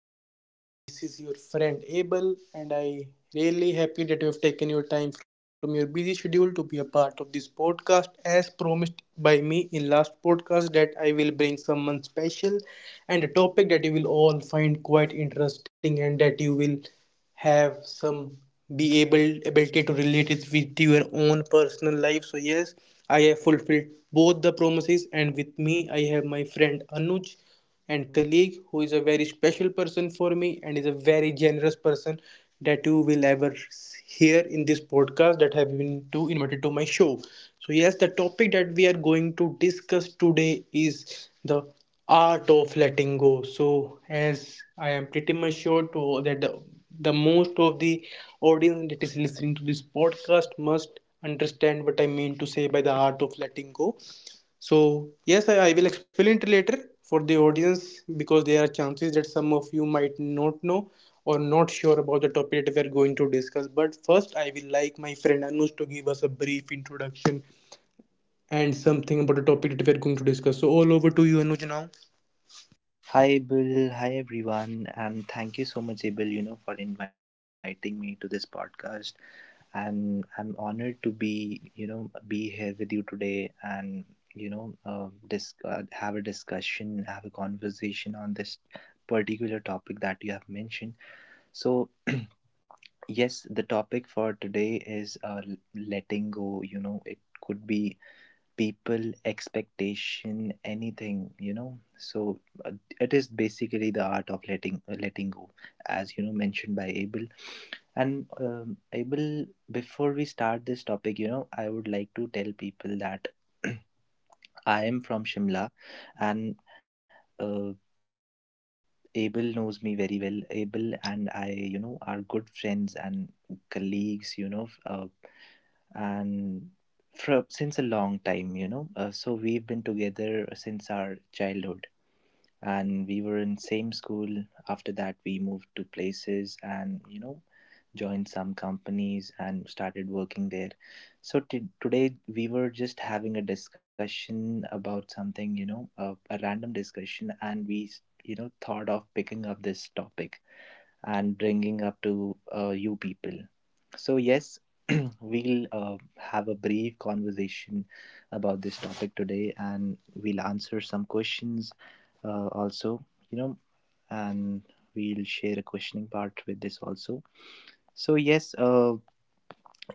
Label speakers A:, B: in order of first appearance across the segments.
A: our podcast. This is your friend Abel, and I really happy that you have taken your time from your busy schedule to be a part of this podcast. As promised by me in last podcast, that I will bring someone special and a topic that you will all find quite interesting, and that you will have some be able ability to relate it with your own personal life. So yes, I have fulfilled both the promises, and with me I have my friend Anuj and colleague who is a very special person for me and is a very generous person that you will ever hear in this podcast that have been to invited to my show. So yes, the topic that we are going to discuss today is the art of letting go. So as I am pretty much sure to that the most of the audience that is listening to this podcast must understand what I mean to say by the art of letting go. So, yes, I will explain it later for the audience because there are chances that some of you might not know or not sure about the topic that we are going to discuss. But first, I will like my friend Anush to give us a brief introduction and something about the topic that we are going to discuss. So, all over to you, Anuj, now.
B: Hi, Bill. Hi, everyone. And thank you so much, Abel, for inviting me to this podcast. And I'm honored to be here with you today and, have a conversation on this particular topic that you have mentioned. So, yes, the topic for today is letting go. You know, it could be people, expectation, anything, uh, it is basically the art of letting go as mentioned by Abel. And, Abel, before we start this topic, I would like to tell people that I am from Shimla. And uh, Abel knows me very well. Abel and I, are good friends and colleagues, and from since a long time, so we've been together since our childhood and we were in same school. After that we moved to places and, joined some companies and started working there. So today we were just having a discussion about something, a random discussion and we, thought of picking up this topic and bringing up to you people. So, yes, we'll have a brief conversation about this topic today and we'll answer some questions also, you know, and we'll share a questioning part with this also. So, yes,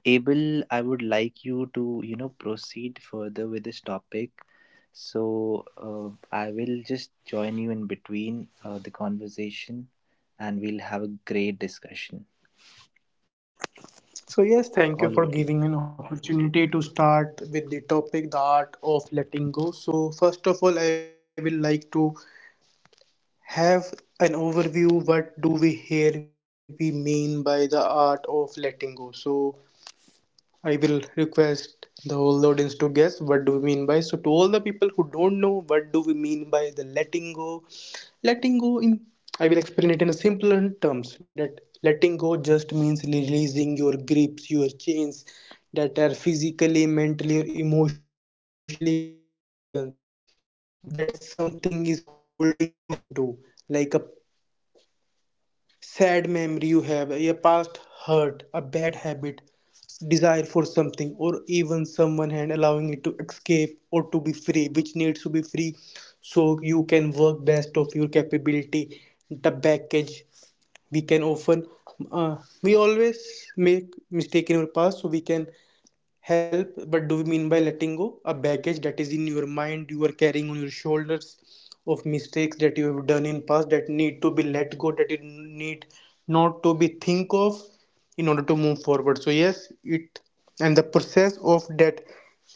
B: Abel, I would like you to, proceed further with this topic. So I will just join you in between the conversation and we'll have a great discussion. All over to you.
A: So, yes, thank you for giving me an opportunity to start with the topic, the art of letting go. So, first of all, I will like to have an overview what do we here we mean by the art of letting go. So I will request the whole audience to guess what do we mean by, so to all the people who don't know what do we mean by the letting go, letting go in, I will explain it in a simpler terms that letting go just means releasing your grips, your chains, that are physically, mentally or emotionally present, that something is holding you back onto, like a sad memory you have, a past hurt, a bad habit, desire for something, or even someone, and allowing it to escape or to be free, which needs to be free, so you can work best of your capability. The baggage we can often, uh, we always make mistake in our past, so we can help but do we mean by letting go a baggage that is in your mind you are carrying on your shoulders of mistakes that you have done in past that need to be let go, that it need not to be think of in order to move forward. So yes, it and the process of that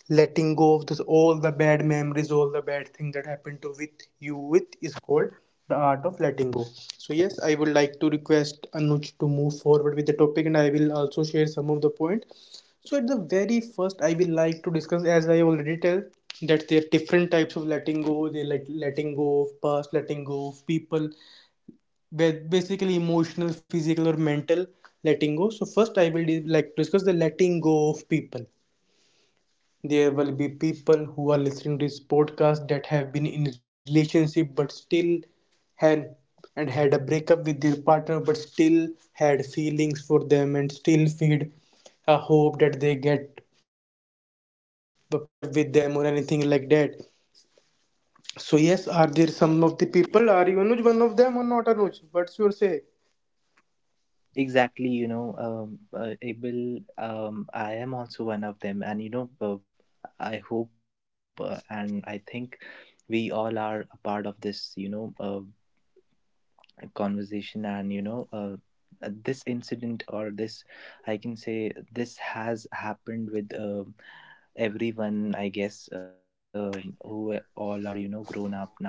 A: letting go of this all the bad memories, all the bad thing that happened to with you with, is called the art of letting go. So yes, I would like to request Anuj to move forward with the topic, and I will also share some of the point. So at the very first, I will like to discuss, as I already tell, that there are different types of letting go. They like letting go of past, letting go of people, basically emotional, physical, or mental letting go. So first, I will like to discuss the letting go of people. There will be people who are listening to this podcast that have been in relationship but still had and had a breakup with their partner but still had feelings for them and still feed a hope that they get a patch up with them or anything like that. So yes, are there some of the people, are you, Anuj, one of them or not? Anuj, what's your say?
B: Exactly, Abel, I am also one of them. And, I hope and I think we all are a part of this, conversation and this incident or this, I can say this has happened with everyone, I guess, who all are grown up now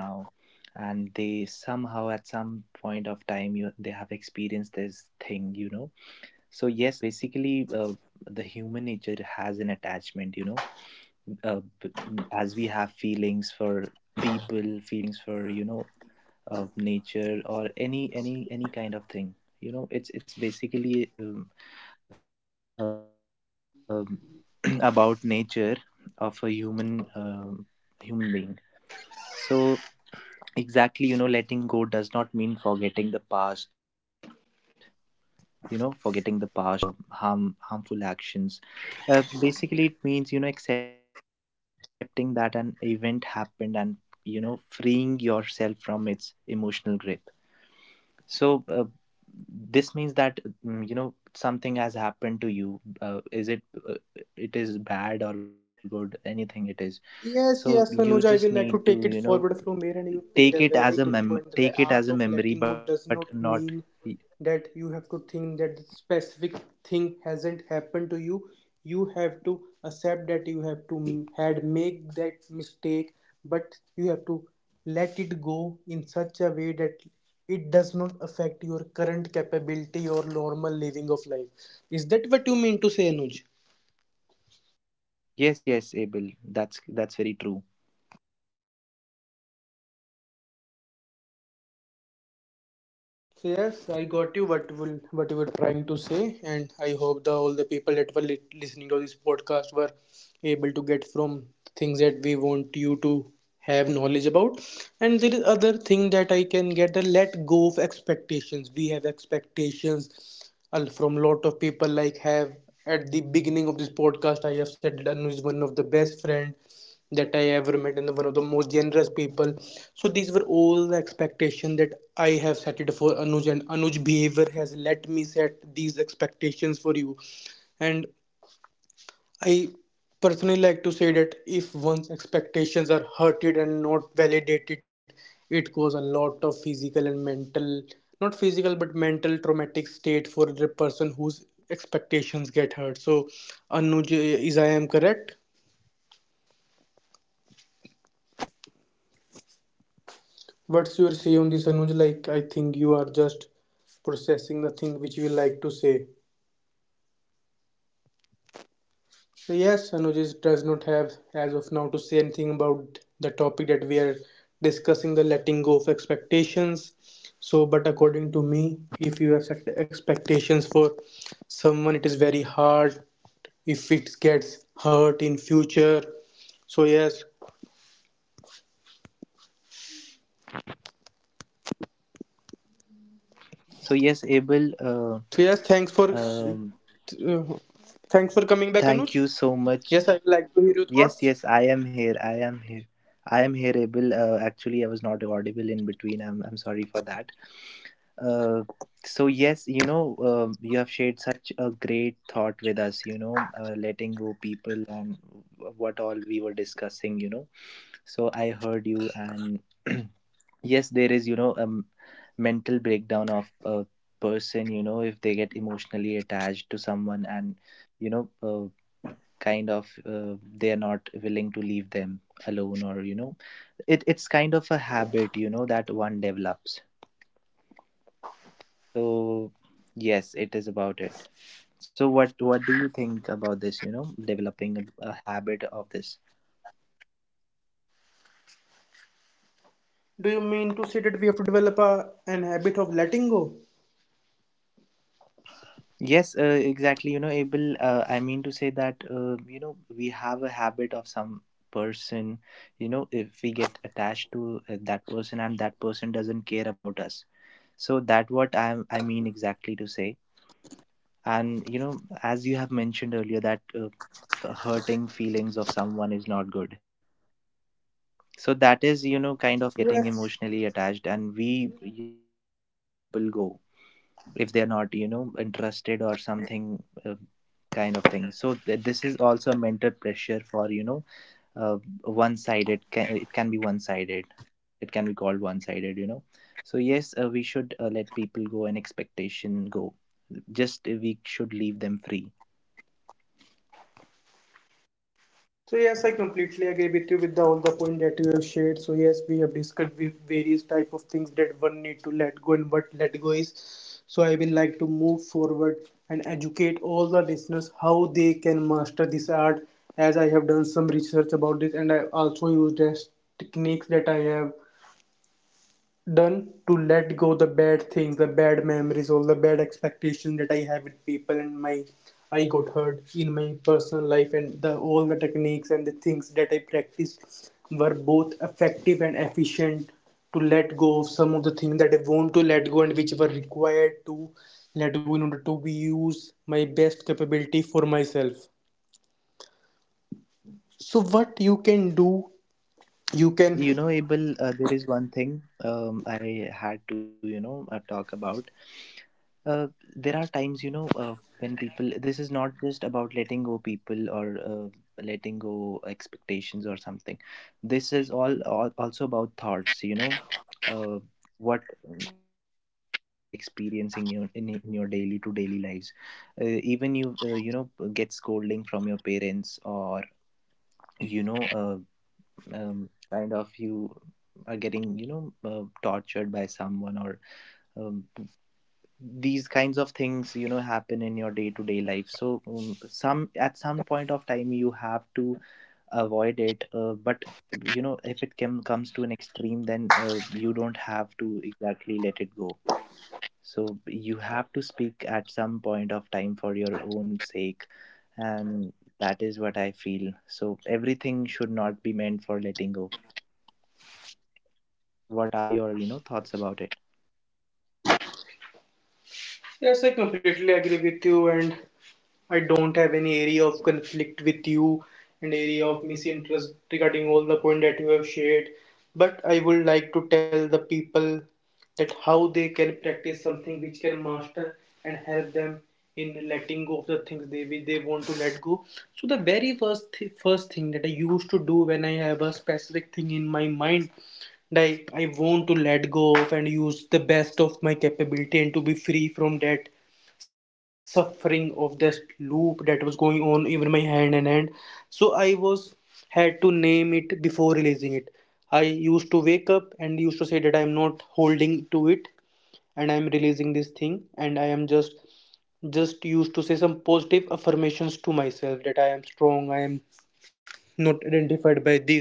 B: and they somehow at some point of time, you they have experienced this thing, so yes. Basically, the human nature has an attachment, uh, b- as we have feelings for people, feelings for, of nature or any kind of thing. You know, it's basically, um, about nature of a human being. So exactly, you know, letting go does not mean forgetting the past, you know, forgetting the past or, you know, or conditioning, you know, conditioning harmful actions. Basically it means, you know, accepting that an event happened and, you know, freeing yourself from its emotional grip. So this means that, you know, something has happened to you. Is it, uh, it is bad or good? Anything it is.
A: Yes, yes,
B: So
A: Anuj,
B: you
A: I will
B: just
A: like to
B: need
A: take
B: to,
A: it
B: you know,
A: forward from here, and you picked a very good point that the
B: take it as
A: art
B: a
A: of
B: memory,
A: letting go
B: but
A: does
B: not
A: not
B: e-,
A: mean that you have to think that the specific thing hasn't happened to you. You have to accept that you have to
B: exactly.
A: had make that mistake, but you have to let it go in such a way that it does not affect your current capability or normal living of life. Is that what you mean to say, Anuj?
B: Yes, yes, Abel. That's very true.
A: So yes, I got you what will what you were trying to say, and I hope the all the people that were listening to this podcast were able to get from things that we want you to have knowledge about. And there is other thing that I can get the let go of expectations. We have expectations from lot of people. Like have at the beginning of this podcast, I have said that Anu is one of the best friend that I ever met and one of the most generous people. So these were all the expectations that I have set it for Anuj, and Anuj behavior has let me set these expectations for you. And I personally like to say that if one's expectations are hurted and not validated, it cause a lot of physical and mental, not physical but mental, traumatic state for the person whose expectations get hurt. So Anuj, is I am correct?
B: Yes, exactly. You know, Abel. Thank you
A: What's your
B: for
A: say on
B: sharing
A: this,
B: such a
A: Anuj?
B: good
A: Like, I
B: thought.
A: think you are just processing the thing which you would like to
B: Yeah.
A: say.
B: Yes, exactly. You know,
A: So,
B: Abel.
A: yes, Anuj is-
B: You are
A: does not
B: correct
A: have,
B: about it.
A: as of now, to say anything about the topic that we are discussing, the letting go of expectations. So, but according to me, if you have set expectations for someone, it is very hard if it gets hurt in future. So, yes.
B: So yes, Abel.
A: So, yes, thanks for.
B: Um,
A: Uh, thanks for coming back,
B: Thank
A: Anuj.
B: you so
A: Yes,
B: much.
A: I would like to hear your
B: Yes,
A: thoughts.
B: yes, I am here. I am here. I am here, Abel. Actually, I was not audible in between. I'm sorry for that. Uh, so, yes, you know, you have shared such a great thought with us, you know, letting go people and what all we were discussing, you know. So, I heard you, and yes, there is, you know, mental breakdown of a person, you know, if they get emotionally attached to someone and, you know uh, kind of, they're not willing to leave them alone, or, you know, it, it's kind of a habit, you know, that one develops. So yes, it is about it. So what do you think about this, you know, developing a habit of this.
A: Do you mean to say that we have to develop a, an habit of letting go?
B: Yes, exactly, you know, Abel, I mean to say that, you know, we have a habit of some person, you know. If we get attached to that person and that person doesn't care about us, so that what I mean exactly to say. And you know as you have mentioned earlier that, hurting feelings of someone is not good. So that is, you know, kind of getting
A: Yes.
B: emotionally attached, and we, you know, we should let people go if they are not, you know, interested or something, kind of thing. So this is also a mental pressure, for you know, one sided, it can be one sided, it can be called one sided, you know. So yes, we should, let people go and expectation go. Just, we should leave them free.
A: So yes, I completely agree with you with the, all the point that you have shared. So yes, we have discussed with various type of things that one need to let go and what let go is. So I will like to move forward and educate all the listeners how they can master this art. As I have done some research about this, and I also used as techniques that I have done to let go the bad things, the bad memories, all the bad expectations that I have with people, and my I got hurt in my personal life, and the all the techniques and the things that I practiced were both effective and efficient to let go of some of the things that I want to let go and which were required to let go in order to use my best capability for myself. So what you can do,
B: And you
A: you
B: know,
A: can,
B: Abel, there is one thing, I had to, you know, talk about. Uh, there are times, you know, when people, this is not just about letting go people or, letting go expectations or something. This is all also about thoughts, you know, uh, what, you know, what you are experiencing in your daily to daily lives. Even you know, get scolding from your parents or, you know uh, kind of you are getting, you know, tortured by someone or, um, these kinds of things, you know, happen in your day-to-day life. So, some, at some point of time you have to avoid it, but, you know, if it, comes to an extreme, then you don't have to exactly let it go. So you have to speak at some point of time for your own sake. And that is what I feel. So everything should not be meant for letting go. What are your, you know, thoughts about it.
A: yes, I completely agree with you, and I don't have any area of conflict with you and area of misinterest regarding all the point that you have shared. But I would like to tell the people that how they can practice something which can master and help them in letting go of the things they want to let go. So the very first first thing that I used to do when I have a specific thing in my mind that I want to let go of and use the best of my capability and to be free from that suffering of this loop that was going on even my hand and hand, so I was had to name it before releasing it. I used to wake up and used to say that I'm not holding to it, and I'm releasing this thing, and I am just used to say some positive affirmations to myself that I am strong, I am not identified by this.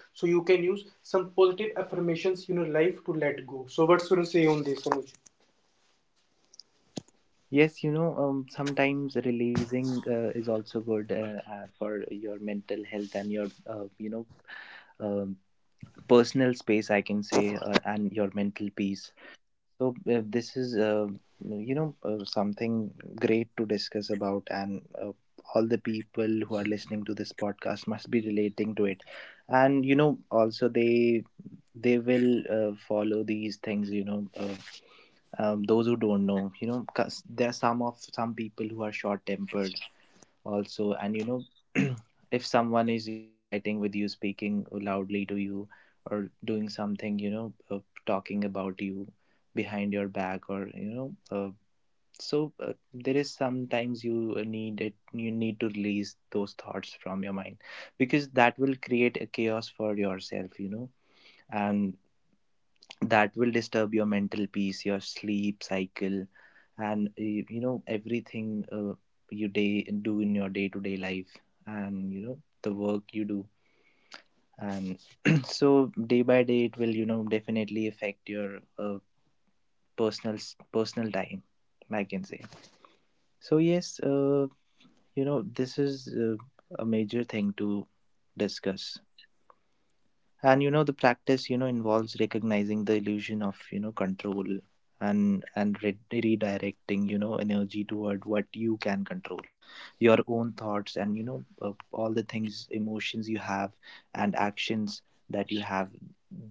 A: So you can use some positive affirmations in your life to let go. So what's going to say on this, Anuj?
B: Yes, you know, sometimes releasing is also good, for your mental health and your, you know, um, personal space, I can say, and your mental peace. So, this is, something great to discuss about. And, all the people who are listening to this podcast must be relating to it. And you know, also they, will, follow these things, those who don't know, you know, 'cause there are some people who are short tempered also, and you know if someone is, you know, fighting with you, speaking loudly to you, or doing something, you know, talking about you behind your back, or you know, so, there is sometimes you need it, you need to release those thoughts from your mind, because that will create a chaos for yourself, you know. And that will disturb your mental peace, your sleep cycle, and, you, you know, everything, you day do in your day to day life, and you know the work you do. And so day by day it will, you know, definitely affect your, personal time, I can say. So yes, you know, this is, a major thing to discuss. And you know the practice, you know, involves recognizing the illusion of, you know, control, and redirecting, you know, energy toward what you can control: your own thoughts, and you know, all the things, emotions you have, and actions that you have.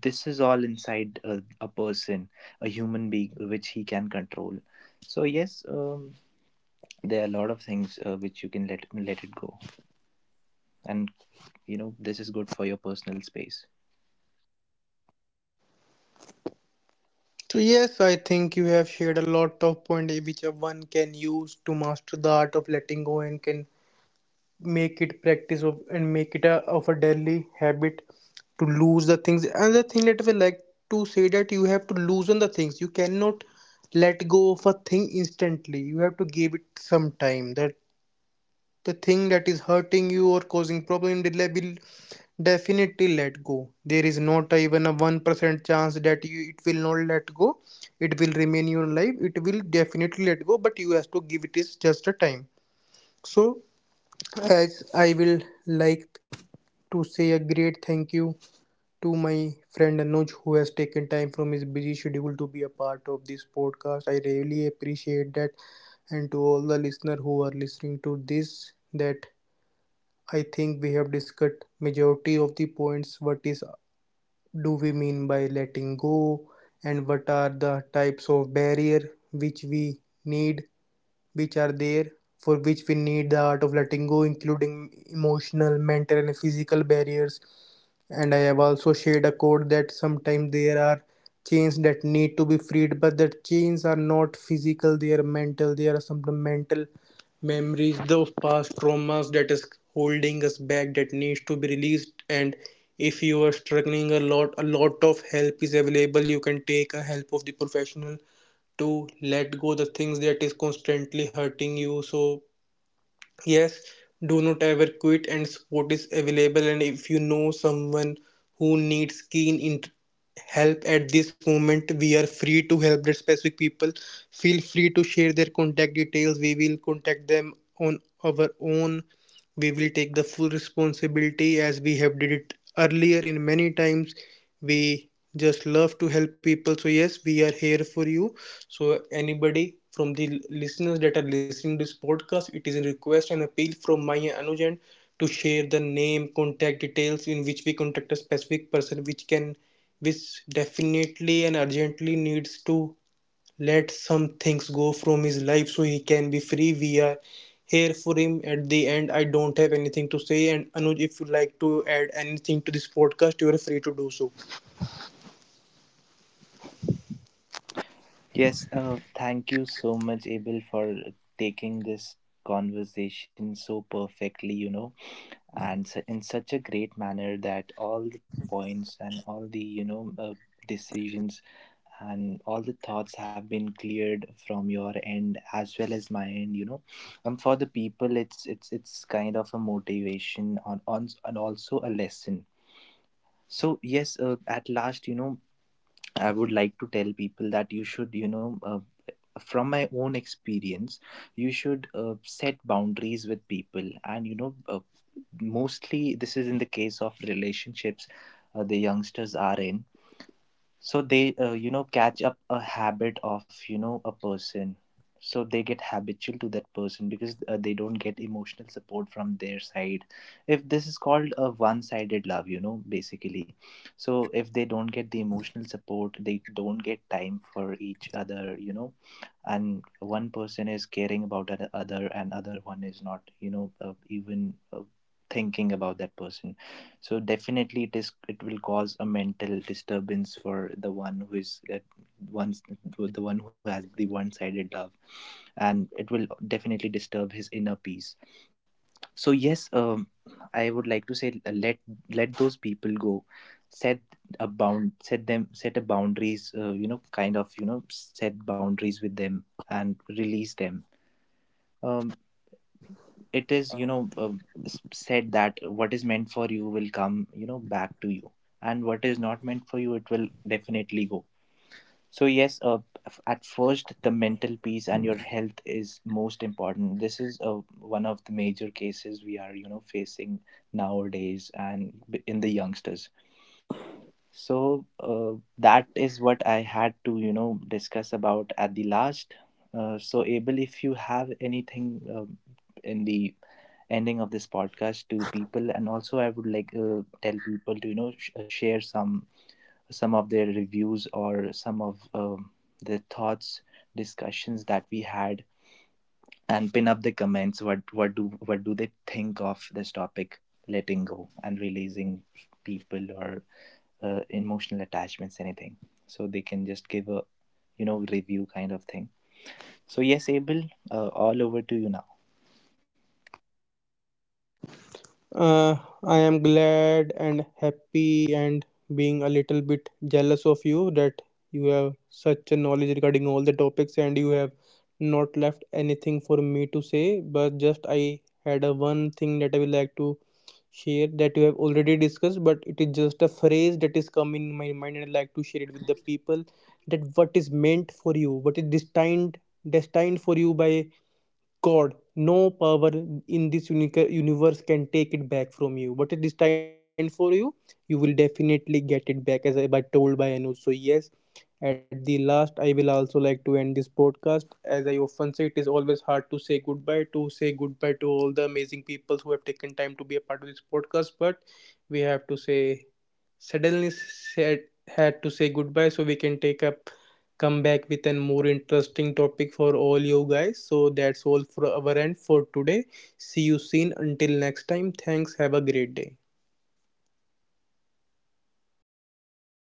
B: This is all inside a person, a human being, which he can control. So yes, there are a lot of things, which you can let it go. And you know this is good for your personal space.
A: So yes, I think you have shared a lot of points which a one can use to master the art of letting go and can make it practice of and make it a, of a daily habit to lose the things. Another thing that I would like to say that you have to loosen the things. You cannot let go of a thing instantly. You have to give it some time. That the thing that is hurting you or causing problem will definitely let go. There is not even a 1% chance that you it will not let go, it will remain in your life. It will definitely let go, but you have to give it, is just a time. So as I will like to say a great thank you to my friend Anuj who has taken time from his busy schedule to be a part of this podcast. I really appreciate that. And to all the listener who are listening to this, that I think we have discussed majority of the points. What is do we mean by letting go, and what are the types of barrier which we need, which are there, for which we need the art of letting go, including emotional, mental, and physical barriers. And I have also shared a code that sometimes there are chains that need to be freed, but the chains are not physical, they are mental. They are some mental memories, those past traumas, that is holding us back, that needs to be released. And if you are struggling a lot, a lot of help is available. You can take a help of the professional to let go the things that is constantly hurting you. So yes, do not ever quit, and support is available. And if you know someone who needs help at this moment, we are free to help that specific people. Feel free to share their contact details. We will contact them on our own. We will take the full responsibility, as we have did it earlier in many times. We just love to help people. So yes, we are here for you. So anybody from the listeners that are listening to this podcast, it is a request and appeal from my Anuj to share the name, contact details in which we contact a specific person which can, which definitely and urgently needs to let some things go from his life so he can be free. We are here for him. At the end, I don't have anything to say. And Anuj, if you like to add anything to this podcast, you are free to do so.
B: Yes, thank you so much, Abel, for taking this conversation so perfectly, you know, and in such a great manner that all the points and all the, you know, decisions and all the thoughts have been cleared from your end as well as my end, you know. And for the people, it's kind of a motivation on, and also a lesson. So yes, at last, you know, I would like to tell people that you should, you know, from my own experience, you should, set boundaries with people. And you know, mostly this is in the case of relationships the youngsters are in. So they, you know, catch up a habit of, you know, a person. So they get habitual to that person because, they don't get emotional support from their side. If this is called a one sided love, you know, basically. So if they don't get the emotional support, they don't get time for each other, you know, and one person is caring about the other and other one is not, you know, even thinking about that person. So definitely it is, it will cause a mental disturbance for the one who is, once the one who has the one-sided love. And it will definitely disturb his inner peace. So yes, I would like to say, let those people go, set set a boundaries, kind of, you know, set boundaries with them and release them. Um, it is, you know, said that what is meant for you will come, you know, back to you, and what is not meant for you, it will definitely go. So yes, at first the mental peace and your health is most important. This is, one of the major cases we are, you know, facing nowadays, and in the youngsters. So that is what I had to, you know, discuss about at the last. So Abel, if you have anything, in the ending of this podcast to people, and also I would like, tell people to, you know, share some, of their reviews or some of, the thoughts, discussions that we had, and pin up the comments. What do they think of this topic, letting go and releasing people, or, emotional attachments, anything. So they can just give a, you know, review kind of thing. So yes, Abel, all over to you now.
A: Uh, I am glad and happy and being a little bit jealous of you that you have such a knowledge regarding all the topics and you have not left anything for me to say. But just I had a one thing that I would like to share that you have already discussed, but it is just a phrase that is come in my mind and I like to
B: Exactly.
A: share it with the people, that what is meant for you, what is destined, destined for you by God, no power in this unique universe can take it back from you. What is destined for you, you will definitely get it back, as I by told by Anu. So yes, at the last, I will also like to end this podcast. As I often say, it is always hard to say goodbye, to say goodbye to all the amazing people who have taken time to be a part of this podcast. But we have to say, suddenly said, had to say goodbye so we can take up come back with an more interesting topic for all you guys. So that's all for our end for today. See you soon. Until next time, thanks. Have a great day.
B: Bye bye.